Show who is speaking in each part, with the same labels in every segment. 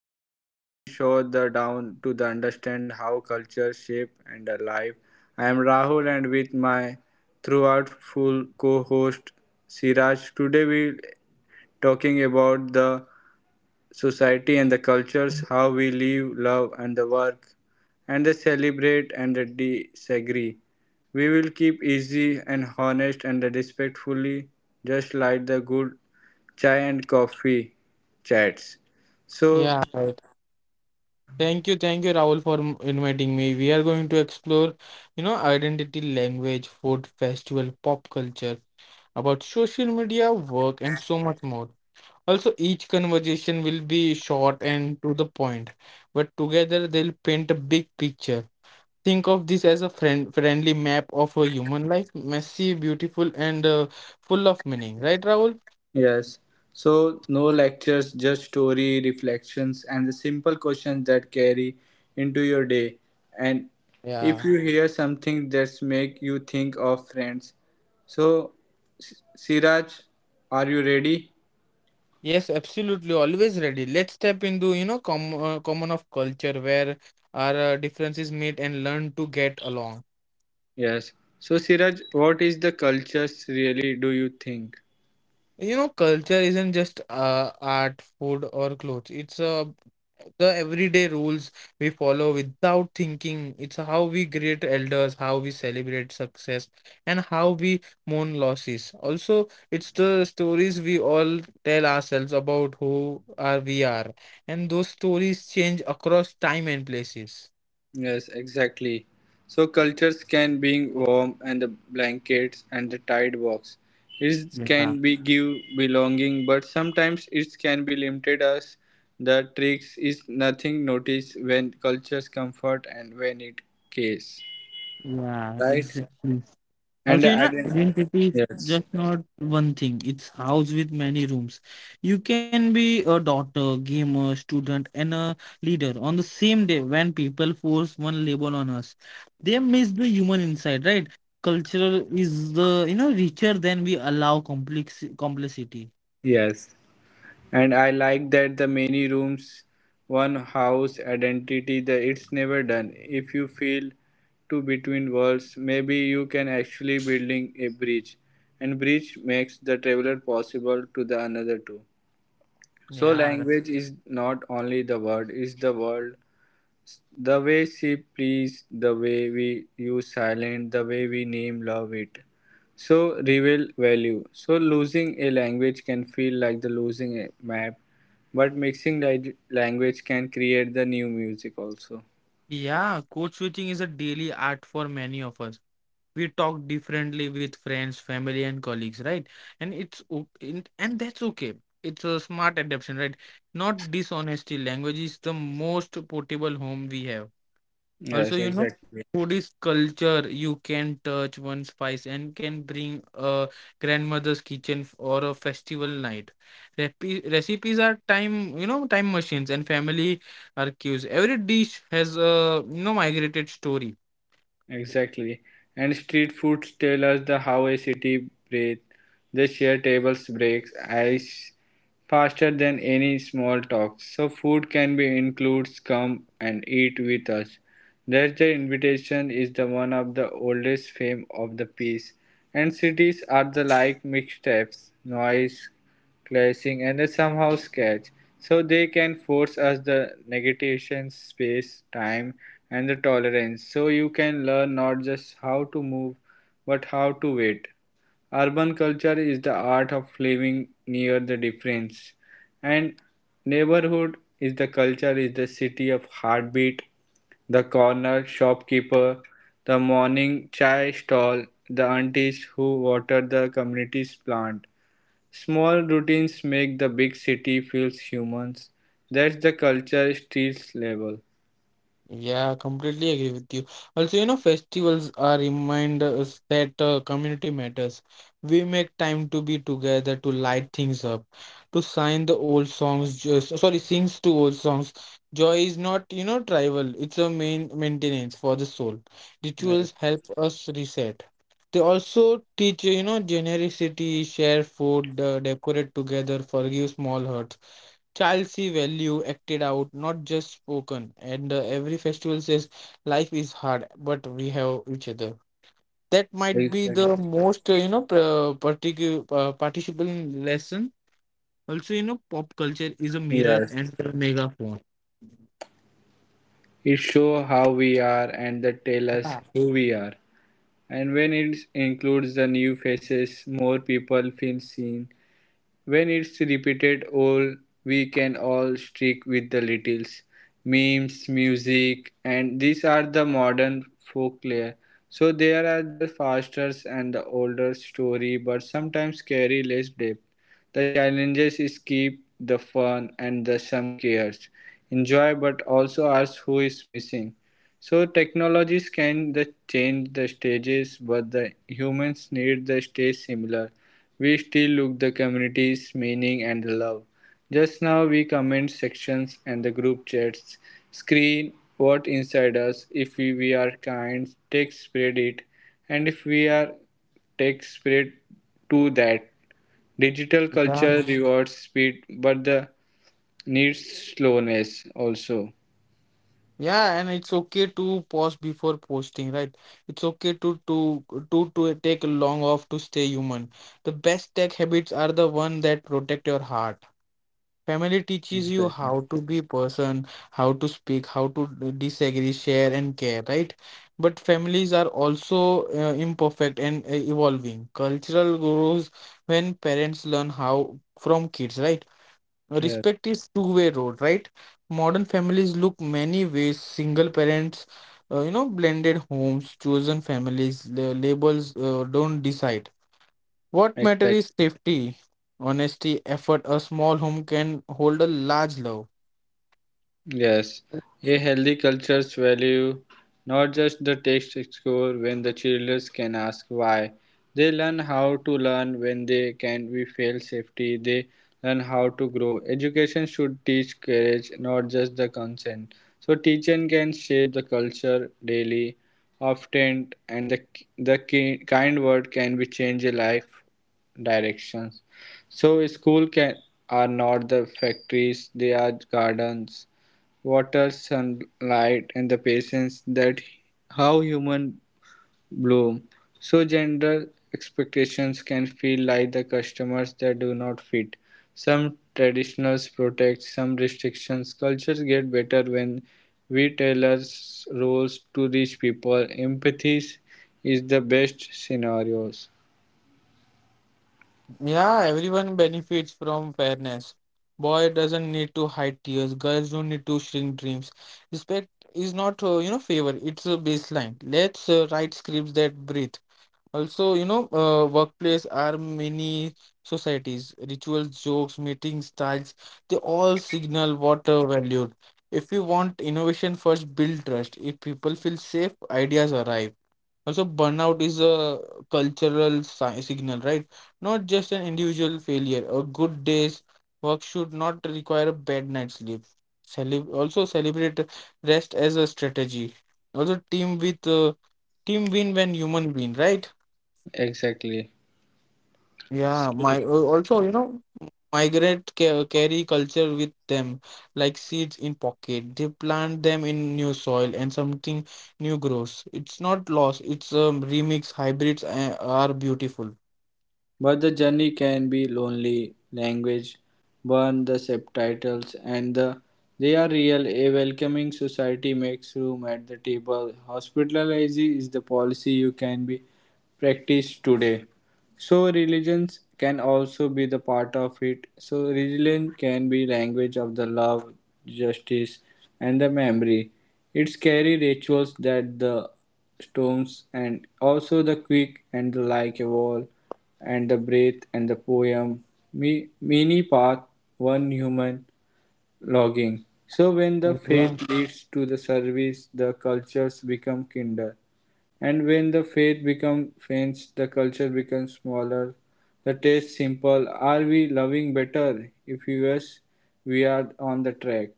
Speaker 1: a show where we show the down to the understand how culture shape and the life. I am Rahul and with my throughout full co-host Siraj. Today we talking about the society and the cultures, how we live, love and the work, and the celebrate and the disagree. We will keep easy and honest and respectfully, just like the good chai and coffee chats. So,
Speaker 2: Yeah, right. Thank you, Rahul, for inviting me. We are going to explore, you know, identity, language, food, festival, pop culture, about social media, work, and so much more. Also, each conversation will be short and to the point, but together they'll paint a big picture. Think of this as a friend friendly map of a human life, messy, beautiful, and full of meaning. Right, Rahul?
Speaker 1: yes, so no lectures, just story, reflections, and the simple questions that carry into your day. And if
Speaker 2: Yeah.
Speaker 1: you hear something that's make you think of friends, so Siraj, are you ready?
Speaker 2: Yes, absolutely. Always ready. Let's step into, you know, common of culture where our differences meet and learn to get along.
Speaker 1: Yes. So, Siraj, what is the cultures really? Do you think?
Speaker 2: You know, culture isn't just art, food, or clothes. It's the everyday rules we follow without thinking. It's how we greet elders, how we celebrate success, and how we mourn losses. Also, it's the stories we all tell ourselves about who are we are, and those stories change across time and places.
Speaker 1: Yes, exactly. So cultures can being warm and the blankets and the tide box. It
Speaker 2: Yeah,
Speaker 1: can be give belonging, but sometimes it can be limited as the tricks is nothing noticed when cultures comfort and when it case.
Speaker 2: yeah,
Speaker 1: Right?
Speaker 2: exactly.
Speaker 1: And
Speaker 2: Also,
Speaker 1: the
Speaker 2: you know,
Speaker 1: ident-
Speaker 2: identity is
Speaker 1: yes.
Speaker 2: just not one thing. It's house with many rooms. You can be a daughter, gamer, student, and a leader on the same day when people force one label on us. They miss the human inside, right? Cultural is the you know richer than we allow complex complicity.
Speaker 1: Yes. And I like that the many rooms, one house identity, the it's never done. If you feel to between worlds, maybe you can actually building a bridge. And bridge makes the traveler possible to the another too. So
Speaker 2: Yeah, r-
Speaker 1: language is not only the word, is the world the way she pleads, the way we use silent, the way we name love it. So reveal value. So losing a language can feel like the losing a map, but mixing the language can create the new music also.
Speaker 2: yeah, code switching is a daily art for many of us. We talk differently with friends family and colleagues, right? And that's okay. It's a smart adaptation, right? Not dishonesty. Language is the most portable home we have. Also,
Speaker 1: Yes,
Speaker 2: you know,
Speaker 1: exactly.
Speaker 2: food is culture. You can touch one spice and can bring a grandmother's kitchen or a festival night. Recipes are time, you know, time machines and family archives. Every dish has a, you know, migrated story.
Speaker 1: Exactly. And street foods tell us the how a city breathes. They share tables, breaks, ice faster than any small talk. So food can be includes come and eat with us. That's the invitation is the one of the oldest fame of the piece. And cities are the like mixtapes, noise, clashing and somehow sketch, so they can force us the negation space, time, and the tolerance, so you can learn not just how to move but how to wait. Urban culture is the art of living near the difference, and neighborhood is the culture, is the city of heartbeat, the corner shopkeeper, the morning chai stall, the aunties who water the community's plant. Small routines make the big city feels humans. That's the culture streets level.
Speaker 2: Yeah, completely agree with you. Also, you know, festivals are reminders that community matters. We make time to be together, to light things up, to sign the old songs, just sorry, sings to old songs. Joy is not, you know, tribal, it's a main maintenance for the soul.
Speaker 1: Yes,
Speaker 2: Rituals help us reset. They also teach, you know, generosity, share food, decorate together, forgive small hurts. Child's value acted out, not just spoken. And every festival says life is hard, but we have each other. That might be
Speaker 1: exactly.
Speaker 2: the most, you know, participable lesson. Also, you know, pop culture is a mirror
Speaker 1: Yes.
Speaker 2: and a megaphone.
Speaker 1: It show how we are and that tell us
Speaker 2: Yeah.
Speaker 1: who we are. And when it includes the new faces, more people feel seen. When it's repeated all we can all stick with the littles. Memes, music, and these are the modern folklore. So there are the faster and the older story, but sometimes carry less depth. The challenges is keep the fun and the some cares. Enjoy, but also ask who is missing. So technologies can the change the stages, but the humans need the stage similar. We still look the community's meaning and the love. Just now we comment sections and the group chats. Screen what inside us. If we are kind, take spread it. And if we are take spread to that. Digital
Speaker 2: Yeah.
Speaker 1: culture rewards speed but the needs slowness also.
Speaker 2: Yeah, and it's okay to pause before posting, right? It's okay to take a long off to stay human. The best tech habits are the one that protect your heart. Family teaches you
Speaker 1: Exactly.
Speaker 2: how to be person, how to speak, how to disagree, share, and care, right? But families are also imperfect and evolving. Cultural grows when parents learn how from kids, right?
Speaker 1: Yeah.
Speaker 2: Respect is two-way road, right? Modern families look many ways: single parents, you know, blended homes, chosen families. The labels don't decide. What matter is
Speaker 1: Exactly.
Speaker 2: safety, honesty, effort. A small home can hold a large love.
Speaker 1: Yes, a healthy cultures value not just the text score when the children can ask why. They learn how to learn when they can we fail safety. They learn how to grow. Education should teach courage, not just the consent. So teaching can shape the culture daily, often, and the kind word can be change a life directions. So school can are not the factories; they are gardens. Water, sunlight, and the patience that how humans bloom. So gender expectations can feel like the customers that do not fit. Some traditionals protect, some restrictions. Cultures get better when we tailor roles to reach people. Empathy is the best scenarios.
Speaker 2: Yeah, everyone benefits from fairness. Boy doesn't need to hide tears. Girls don't need to shrink dreams. Respect is not, you know, favor. It's a baseline. Let's write scripts that breathe. Also, you know, workplace are many societies, rituals, jokes, meeting styles, they all signal what are valued. If you want innovation first, build trust. If people feel safe, ideas arrive. Also, burnout is a cultural si signal, right? Not just an individual failure. A good day's work should not require a bad night's sleep. Celeb also celebrate rest as a strategy. Also, team win when human win, right?
Speaker 1: Exactly.
Speaker 2: Yeah, my also, you know, migrate ca carry culture with them like seeds in pocket. They plant them in new soil and something new grows. It's not lost, it's remix. Hybrids are beautiful.
Speaker 1: But the journey can be lonely. Language burn the subtitles, and they are real. A welcoming society makes room at the table. Hospitality is the policy you can be practiced today. So religions can also be the part of it. So religion can be language of the love, justice, and the memory. It's carry rituals that the storms and also the quick and the like evolve and the breath and the poem me, many path one human logging. So when the
Speaker 2: Yeah.
Speaker 1: faith leads to the service the cultures become kinder, and when the faith become faint the culture becomes smaller, the taste simple, are we loving better? If yes, we are on the track.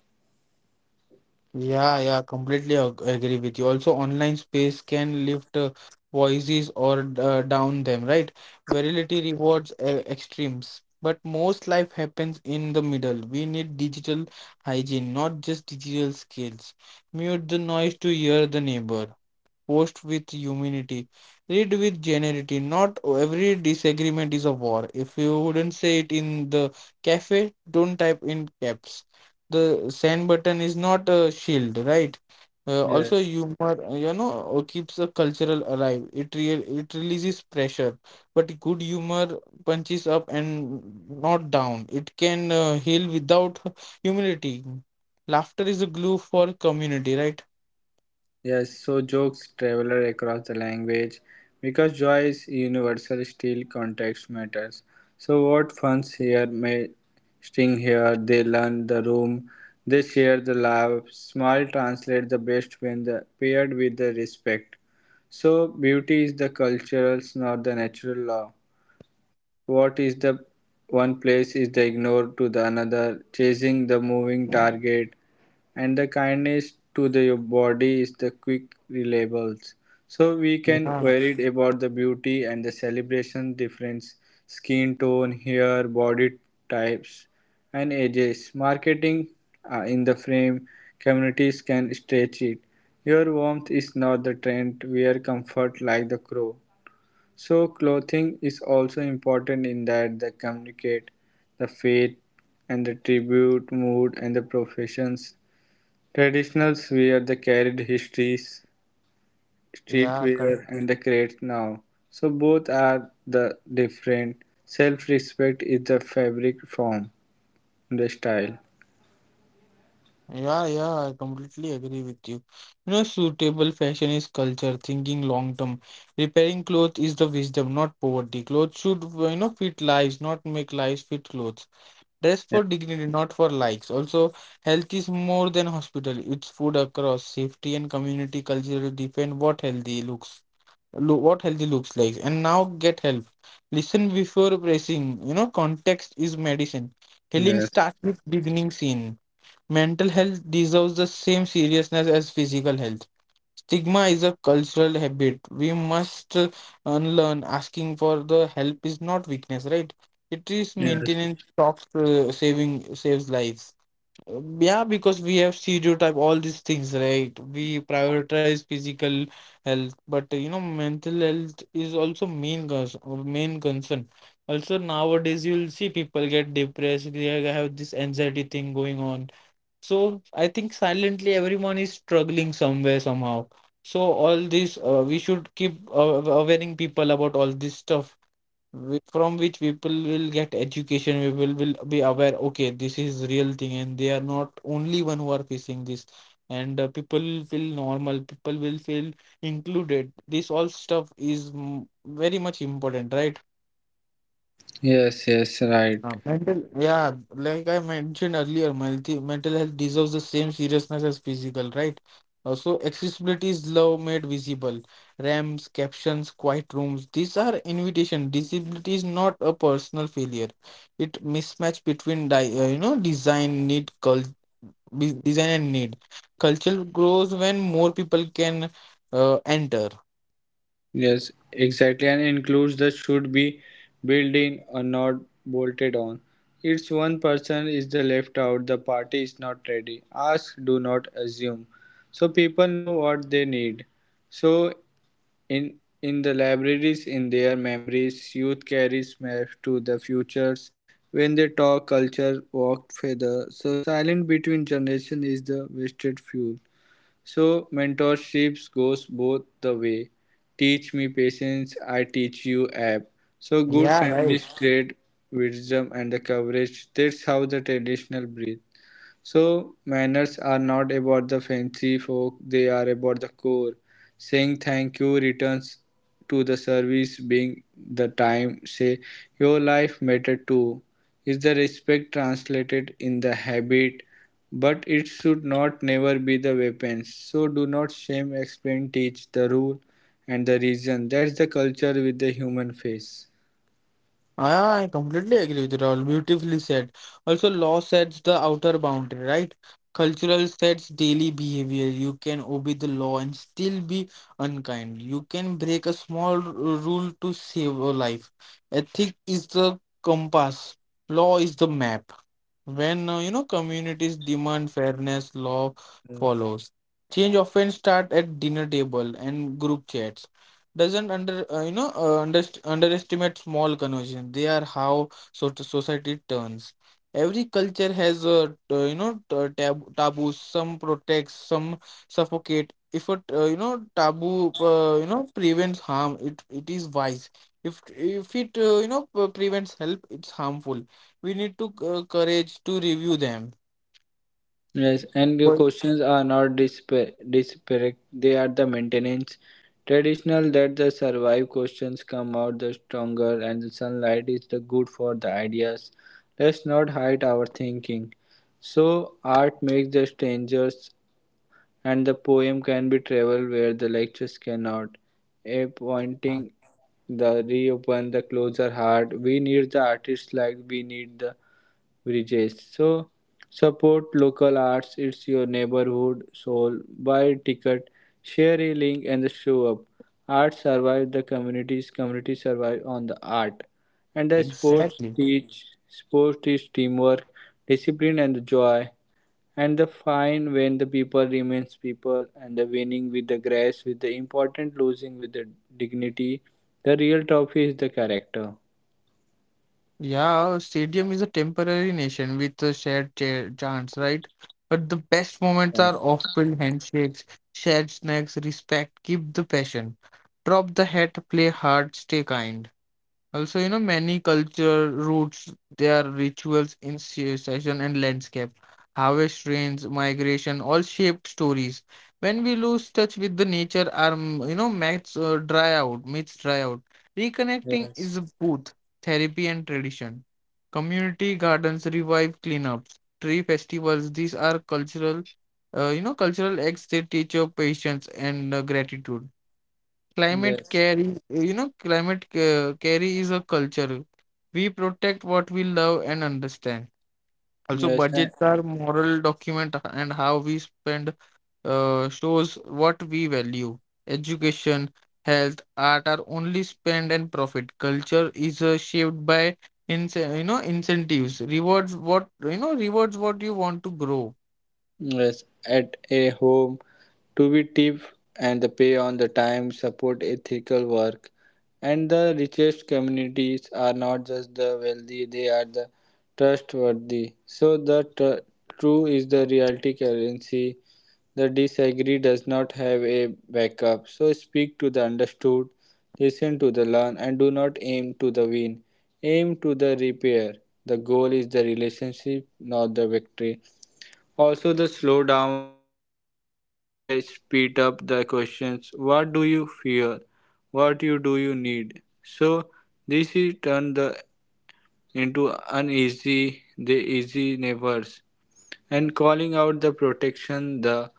Speaker 2: Yeah, yeah, completely ag agree with you. Also, online space can lift voices or down them, right? Virality rewards extremes, but most life happens in the middle. We need digital hygiene, not just digital skills. Mute the noise to hear the neighbor. Post with humanity. Read with generality. Not every disagreement is a war. If you wouldn't say it in the cafe, don't type in caps. The send button is not a shield, right?
Speaker 1: Yeah.
Speaker 2: Also, humor, you know, keeps a cultural alive. It real, it releases pressure, but good humor punches up and not down. It can heal without humility. Laughter is a glue for community, right?
Speaker 1: Yes, so jokes travel across the language because joy is universal, still context matters. So, what funs here may sting here, they learn the room, they share the love. Small translate the best when paired with the respect. So, beauty is the cultural, not the natural law. What is the one place is the ignored to the another, chasing the moving target and the kindness to the body is the quick reliables. So we can
Speaker 2: Yeah,
Speaker 1: worried about the beauty and the celebration difference, skin tone, hair, body types, and ages. Marketing in the frame, communities can stretch it. Your warmth is not the trend, wear comfort like the crow. So clothing is also important in that they communicate the faith and the tribute mood and the professions. Traditionals wear the carried histories,
Speaker 2: yeah, correct.
Speaker 1: streetwear, and the create now. So both are the different. Self-respect is the fabric form, the style.
Speaker 2: Yeah, yeah, I completely agree with you. You know, suitable fashion is culture, thinking long term. Repairing clothes is the wisdom, not poverty. Clothes should, you know, fit lives, not make lives fit clothes. Dress
Speaker 1: Yeah.
Speaker 2: for dignity, not for likes. Also, health is more than hospital. It's food across safety and community culture defend what healthy looks like. And now get help. Listen before pressing. You know, context is medicine. Healing
Speaker 1: Yes.
Speaker 2: starts with beginning scene. Mental health deserves the same seriousness as physical health. Stigma is a cultural habit. We must unlearn. Asking for the help is not weakness, right? It is
Speaker 1: Yes.
Speaker 2: maintenance stops saving saves lives. Yeah, because we have stereotype all these things, right? We prioritize physical health, but you know, mental health is also main concern. Also nowadays, you will see people get depressed. They have this anxiety thing going on, so I think silently everyone is struggling somewhere somehow. So all this we should keep awareing people about all this stuff, from which people will get education. People will be aware. Okay, this is real thing, and they are not only one who are facing this. And people will feel normal. People will feel included. This all stuff is very much important, right?
Speaker 1: Yes. Yes. Right.
Speaker 2: Like I mentioned earlier, mental health deserves the same seriousness as physical, right? Also, accessibility is love made visible. RAMs, captions, quiet rooms, these are invitation. Disability is not a personal failure. It mismatch between di you know design and need. Culture grows when more people can enter.
Speaker 1: Yes. Exactly. And includes the should be built in or not bolted on. It's one person is the left out. The party is not ready. Ask. Do not assume. So people know what they need. So In the libraries in their memories, youth carries maps to the futures. When they talk culture, walked feather. So silence between generation is the wasted fuel. So mentorships goes both the way. Teach me patience, I teach you app. So good
Speaker 2: Yeah, right.
Speaker 1: families create wisdom and the coverage. That's how the traditional breathe. So, manners are not about the fancy folk, they are about the core. Saying thank you returns to the service being the time. Say, your life mattered too. Is the respect translated in the habit? But it should not never be the weapons. So do not shame, explain, teach the rule and the reason. That's the culture with the human face.
Speaker 2: I completely agree with Rahul. Beautifully said. Also, law sets the outer boundary, right? Cultural sets daily behavior. You can obey the law and still be unkind. You can break a small rule to save a life. Ethic is the compass. Law is the map. When you know communities demand fairness, law follows. Change often start at dinner table and group chats. Doesn't under you know underst underestimate small conversations. They are how so society turns. Every culture has a, you know, taboos. Some protects, some suffocate. If a, you know, taboo, you know, prevents harm, it is wise. If it, you know, prevents help, it's harmful. We need to courage to review them.
Speaker 1: Yes, and the
Speaker 2: Well,
Speaker 1: questions are not disparate. They are the maintenance. Traditional that the survive questions come out the stronger and the sunlight is the good for the ideas. Let's not hide our thinking. So art makes the strangers and the poem can be traveled where the lectures cannot. A
Speaker 2: uh,
Speaker 1: pointing the reopen the closer heart. We need the artists like we need the Brijesh. So support local arts. It's your neighborhood soul. Buy a ticket, share a link, and show up. Art survive the communities. Communities survive on the art. And the sports
Speaker 2: Exactly.
Speaker 1: teach. Sports teach teamwork, discipline, and the joy. And the fine when the people remains people, and the winning with the grace, with the important losing with the dignity. The real trophy is the character.
Speaker 2: Yeah, stadium is a temporary nation with a shared chance, right? But the best moments are
Speaker 1: Yes.
Speaker 2: off-field handshakes, shared snacks, respect, keep the passion, drop the hat, play hard, stay kind. Also, you know, many culture roots their rituals in season and landscape, harvest rains, migration, all shaped stories. When we lose touch with the nature, our you know myths dry out. Reconnecting
Speaker 1: Yes.
Speaker 2: is both therapy and tradition. Community gardens revive cleanups, tree festivals. These are cultural, you know, cultural acts. They teach your patience and gratitude. Climate
Speaker 1: Yes.
Speaker 2: care is, you know, care is a culture. We protect what we love and understand. Also,
Speaker 1: Yes.
Speaker 2: budgets are moral document and how we spend shows what we value. Education, health, art are only spend and profit. Culture is shaped by ince- you know incentives, rewards what you want to grow.
Speaker 1: Yes, at a home, to be tip and the pay on the time, support ethical work. And the richest communities are not just the wealthy, they are the trustworthy. So true is the reality currency. The disagree does not have a backup. So speak to the understood, listen to the learn, and do not aim to the win. Aim to the repair. The goal is the relationship, not the victory. Also, the slow down the heat and the speed up the questions. What do you fear? What you do you need? So this is turn the into uneasy the easy neighbors. And calling out the protection, the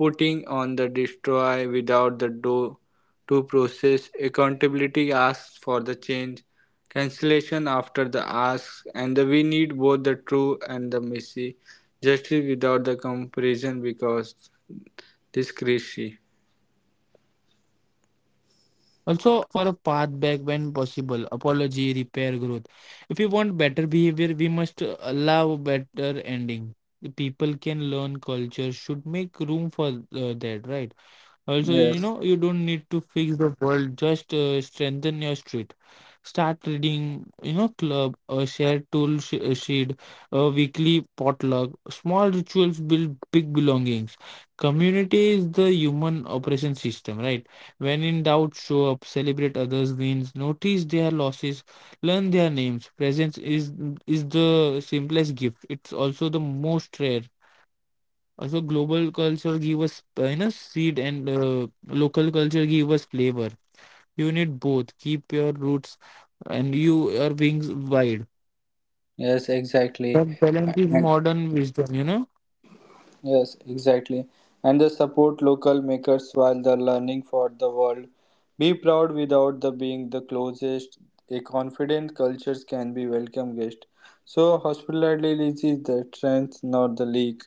Speaker 1: putting on the destroy without the do to process, accountability asks for the change, cancellation after the ask, and the we need both the true and the messy, justice without the comparison because this crazy.
Speaker 2: Also, offer a path back when possible, apology, repair, growth. If we want better behavior, we must allow better ending. The people can learn culture, should make room for that, right? Also, you know, you don't need to
Speaker 1: Yes,
Speaker 2: fix the world, just strengthen your street. Start reading, you know, club, a shared sheet, a weekly potluck. Small rituals build big belongings. Community is the human operation system, right? When in doubt, show up, celebrate others wins, notice their losses, learn their names. Presence is the simplest gift. It's also the most rare. Also, global culture give us you know seed and local culture give us flavor. You need both. Keep your roots and your wings wide.
Speaker 1: yes,
Speaker 2: That
Speaker 1: exactly.
Speaker 2: balance is
Speaker 1: And.
Speaker 2: modern wisdom, you know.
Speaker 1: Yes, exactly. And they support local makers while they're learning for the world. Be proud without the being the closest. A confident cultures can be welcome guest. So hospitality is the strength, not the leak.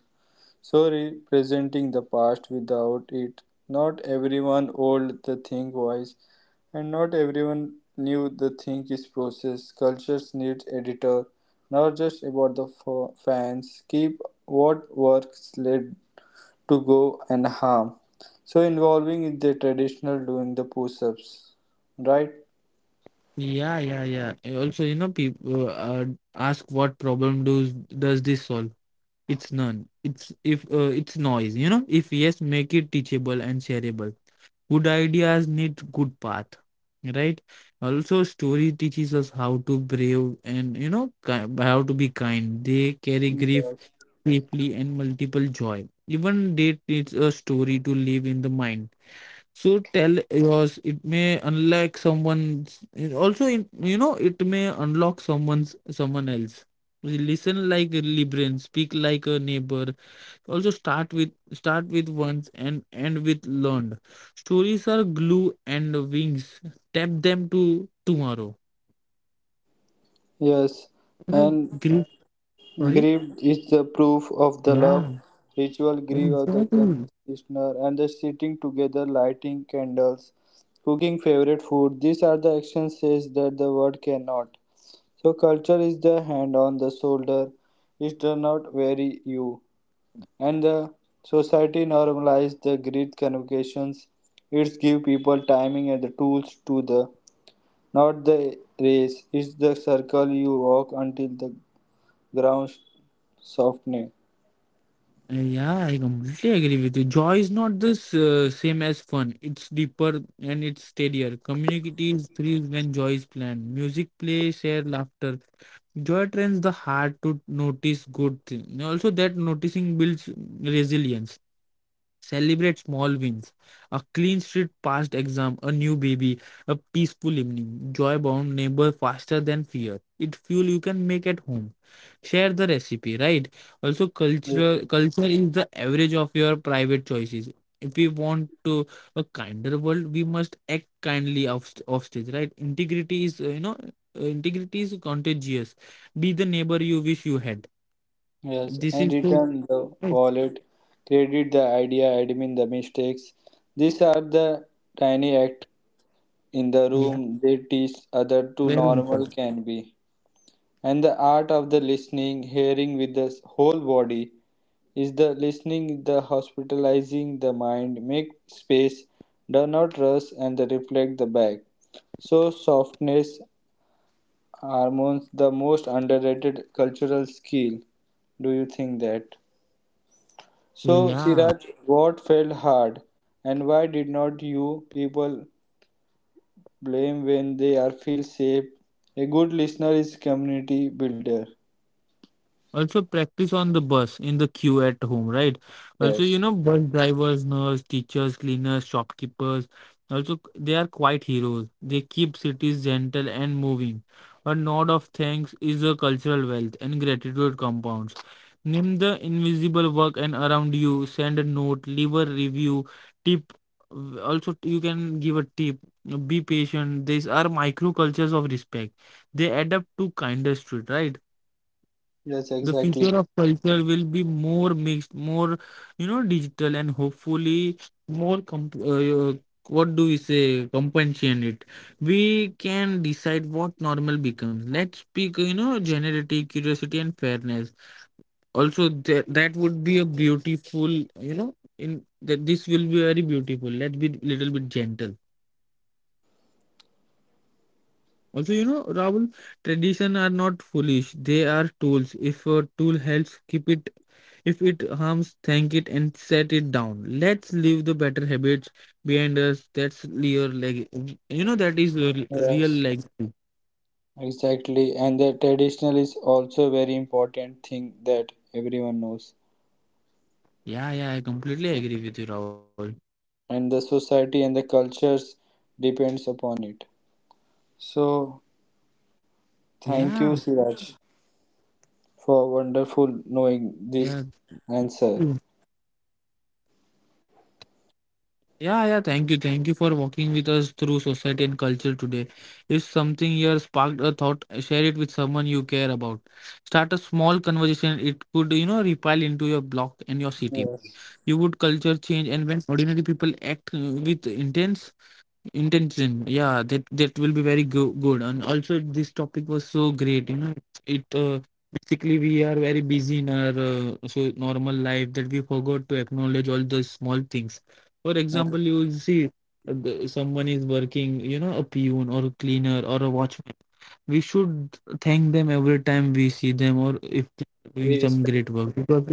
Speaker 1: So representing the past without it. Not everyone old the thing wise, and not everyone knew the thing is process. Cultures need editor, not just about the fans. Keep what works. Let to go and harm. So involving is the traditional doing the push-ups, right?
Speaker 2: Yeah, yeah, yeah. And also, you know, people, ask what problem does this solve? It's none. It's if it's noise, you know. If yes, make it teachable and shareable. Good ideas need good path, right? Also, story teaches us how to brave and how to be kind. They carry grief
Speaker 1: Yes.
Speaker 2: safely and multiple joy. Even date needs a story to live in the mind. So tell yours. It may unlock someone's. It Also, in- you know, it may unlock someone's someone else. Listen like a Libran, speak like a neighbor. Also start with once and end with learned. Stories are glue and wings. Tap them to tomorrow.
Speaker 1: Yes, and
Speaker 2: Grief. Sorry.
Speaker 1: grief is the proof of the love,
Speaker 2: Yeah,
Speaker 1: ritual grief of the
Speaker 2: exactly.
Speaker 1: practitioner, and the sitting together, lighting candles, cooking favorite food. These are the actions says that the word cannot. So culture is the hand on the shoulder. It does not weary you. And the society normalized the grid communications, it's give people timing and the tools to the not the race, it's the circle you walk until the ground softens.
Speaker 2: Yeah, I completely agree with you. Joy is not this same as fun. It's deeper and it's steadier. Communities thrives when joy is planned. Music, play, share, laughter. Joy trains the heart to notice good things. Also, that noticing builds resilience. Celebrate small wins. A clean street past exam, a new baby, a peaceful evening. Joy bound neighbor faster than fear. It fuel you can make at home. Share the recipe, right? Also
Speaker 1: Yes.
Speaker 2: cultural culture is the average of your private choices. If we want to a kinder world, we must act kindly offstage, right? Integrity is contagious. Be the neighbor you wish you had.
Speaker 1: Yes,
Speaker 2: This
Speaker 1: and
Speaker 2: is so
Speaker 1: return the
Speaker 2: right.
Speaker 1: wallet, credit the idea, admin the mistakes. These are the tiny act in the
Speaker 2: Yeah,
Speaker 1: room they teach other to
Speaker 2: very
Speaker 1: normal
Speaker 2: important.
Speaker 1: can be. And the art of the listening, hearing with the whole body, is the listening, the hospitalizing the mind, make space, do not rush and the reflect the back. So softness hormones the most underrated cultural skill. Do you think that? So
Speaker 2: Yeah.
Speaker 1: Siraj, what felt hard and why did not you people blame when they are feel safe? A good listener is community builder.
Speaker 2: Also, practice on the bus in the queue at home, right? Also, you
Speaker 1: Yes.
Speaker 2: know, bus drivers, nurse, teachers, cleaners, shopkeepers, they are quite heroes. They keep cities gentle and moving. A nod of thanks is a cultural wealth and gratitude compounds. Name the invisible work and around you, send a note, leave a review, tip. Also, you can give a tip. Be patient. These are micro cultures of respect. They adapt to kinder street, right?
Speaker 1: Yes,
Speaker 2: The
Speaker 1: exactly.
Speaker 2: future of culture will be more mixed, more, you know, digital, and hopefully more what do we say, compassionate. We can decide what normal becomes. Let's speak, you know, generosity, curiosity, and fairness. Also that would be a beautiful, you know, in that, this will be very beautiful. Let's be little bit gentle. Also, you know, Rahul, tradition are not foolish. They are tools. If a tool helps, keep it. If it harms, thank it and set it down. Let's leave the better habits behind us. That's your leg. You know, that is your real
Speaker 1: Yes.
Speaker 2: legacy.
Speaker 1: Exactly, and the traditional is also very important thing that everyone knows,
Speaker 2: Yeah, yeah, I completely agree with you, Rahul.
Speaker 1: and the society and the cultures depends upon it. So
Speaker 2: Yeah,
Speaker 1: thank you, Siraj,
Speaker 2: yeah.
Speaker 1: for wonderful knowing this answer.
Speaker 2: Yeah, yeah, thank you. Thank you for walking with us through society and culture today. If something here sparked a thought, share it with someone you care about. Start a small conversation. It could, you know, repel into your block and your city. You would culture change,
Speaker 1: Yes,
Speaker 2: and when ordinary people act with intense intention. Yeah, that will be very go good. And also this topic was so great, you know. It Basically, we are very busy in our so normal life that we forgot to acknowledge all the small things. For example, you will
Speaker 1: uh,
Speaker 2: see, someone is working, you know, a peon or a cleaner or a watchman. We should thank them every time we see them, or if they are doing some
Speaker 1: we
Speaker 2: great work,
Speaker 1: respect
Speaker 2: because, you know,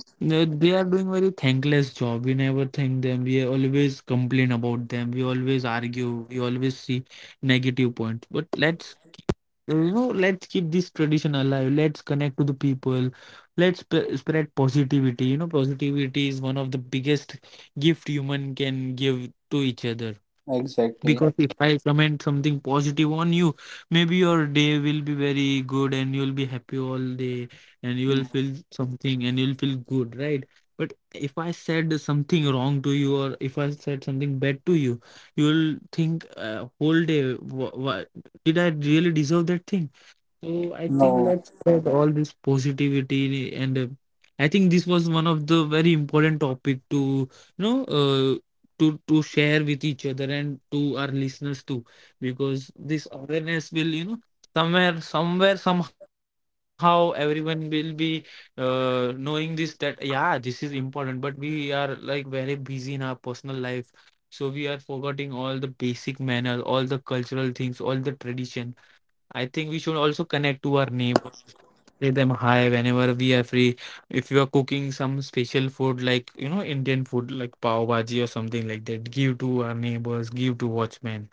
Speaker 2: they are doing very thankless job. We never thank them. We always complain about them. We always argue. We always see negative points. But let's keep this tradition alive. Let's connect to the people. Let's sp spread positivity. You know, positivity is one of the biggest gift human can give to each other, because
Speaker 1: exactly.
Speaker 2: if I comment something positive on you, maybe your day will be very good and you'll be happy all day, and you will
Speaker 1: Mm.
Speaker 2: feel something and you'll feel good, right? But if I said something wrong to you, or if I said something bad to you, you'll think whole day, wha wha- did I really deserve that thing? So I think
Speaker 1: No,
Speaker 2: let's spread all this positivity, and I think this was one of the very important topic to, you know, to share with each other and to our listeners too, because this awareness will, you know, somewhere somehow everyone will be, knowing this, that yeah, this is important, but we are like very busy in our personal life, so we are forgetting all the basic manners, all the cultural things, all the tradition. I think we should also connect to our neighbors, say them hi whenever we are free. If you are cooking some special food, like, you know, Indian food like pav bhaji or something like that, give to our neighbors, give to watchmen.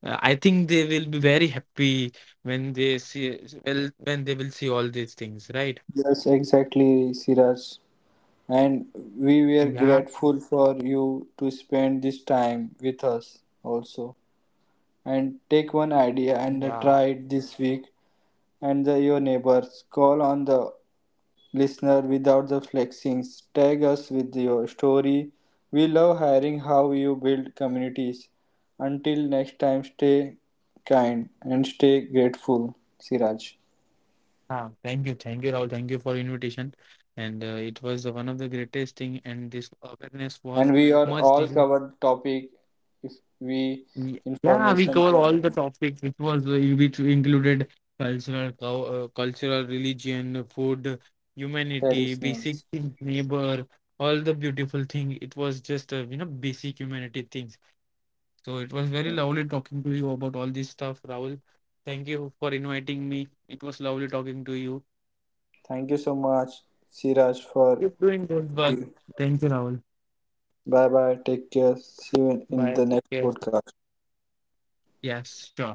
Speaker 2: I think they will be very happy when they see, well, when they will see all these things, right?
Speaker 1: yes, exactly, Siraj, and
Speaker 2: Yeah,
Speaker 1: we were grateful for you to spend this time with us also and
Speaker 2: yeah.
Speaker 1: take one idea and try it this week and your neighbors. Call on the listener without the flexings. Tag us with your story. We love hearing how you build communities. Until next time, stay kind and stay grateful, Siraj.
Speaker 2: Ah, thank you, Rahul. Thank you for invitation. And it was one of the greatest thing, and this awareness was
Speaker 1: And we
Speaker 2: much
Speaker 1: are
Speaker 2: needed.
Speaker 1: all covered topic if we
Speaker 2: Yeah, we cover
Speaker 1: information
Speaker 2: all the
Speaker 1: for
Speaker 2: topics, which was which included cultural, cultural, religion, food,
Speaker 1: the
Speaker 2: humanity, basic
Speaker 1: listeners.
Speaker 2: things, neighbor, all the beautiful thing. It was just you know, basic humanity things. So it was very lovely talking to you about all this stuff, Rahul. Thank you for inviting me. It was lovely talking to you.
Speaker 1: Thank you so much, Siraj, for
Speaker 2: Keep doing good work. Thank you, Rahul.
Speaker 1: bye bye. Take care. See you in
Speaker 2: Bye.
Speaker 1: the
Speaker 2: Take
Speaker 1: next
Speaker 2: care.
Speaker 1: podcast.
Speaker 2: Yes, sure.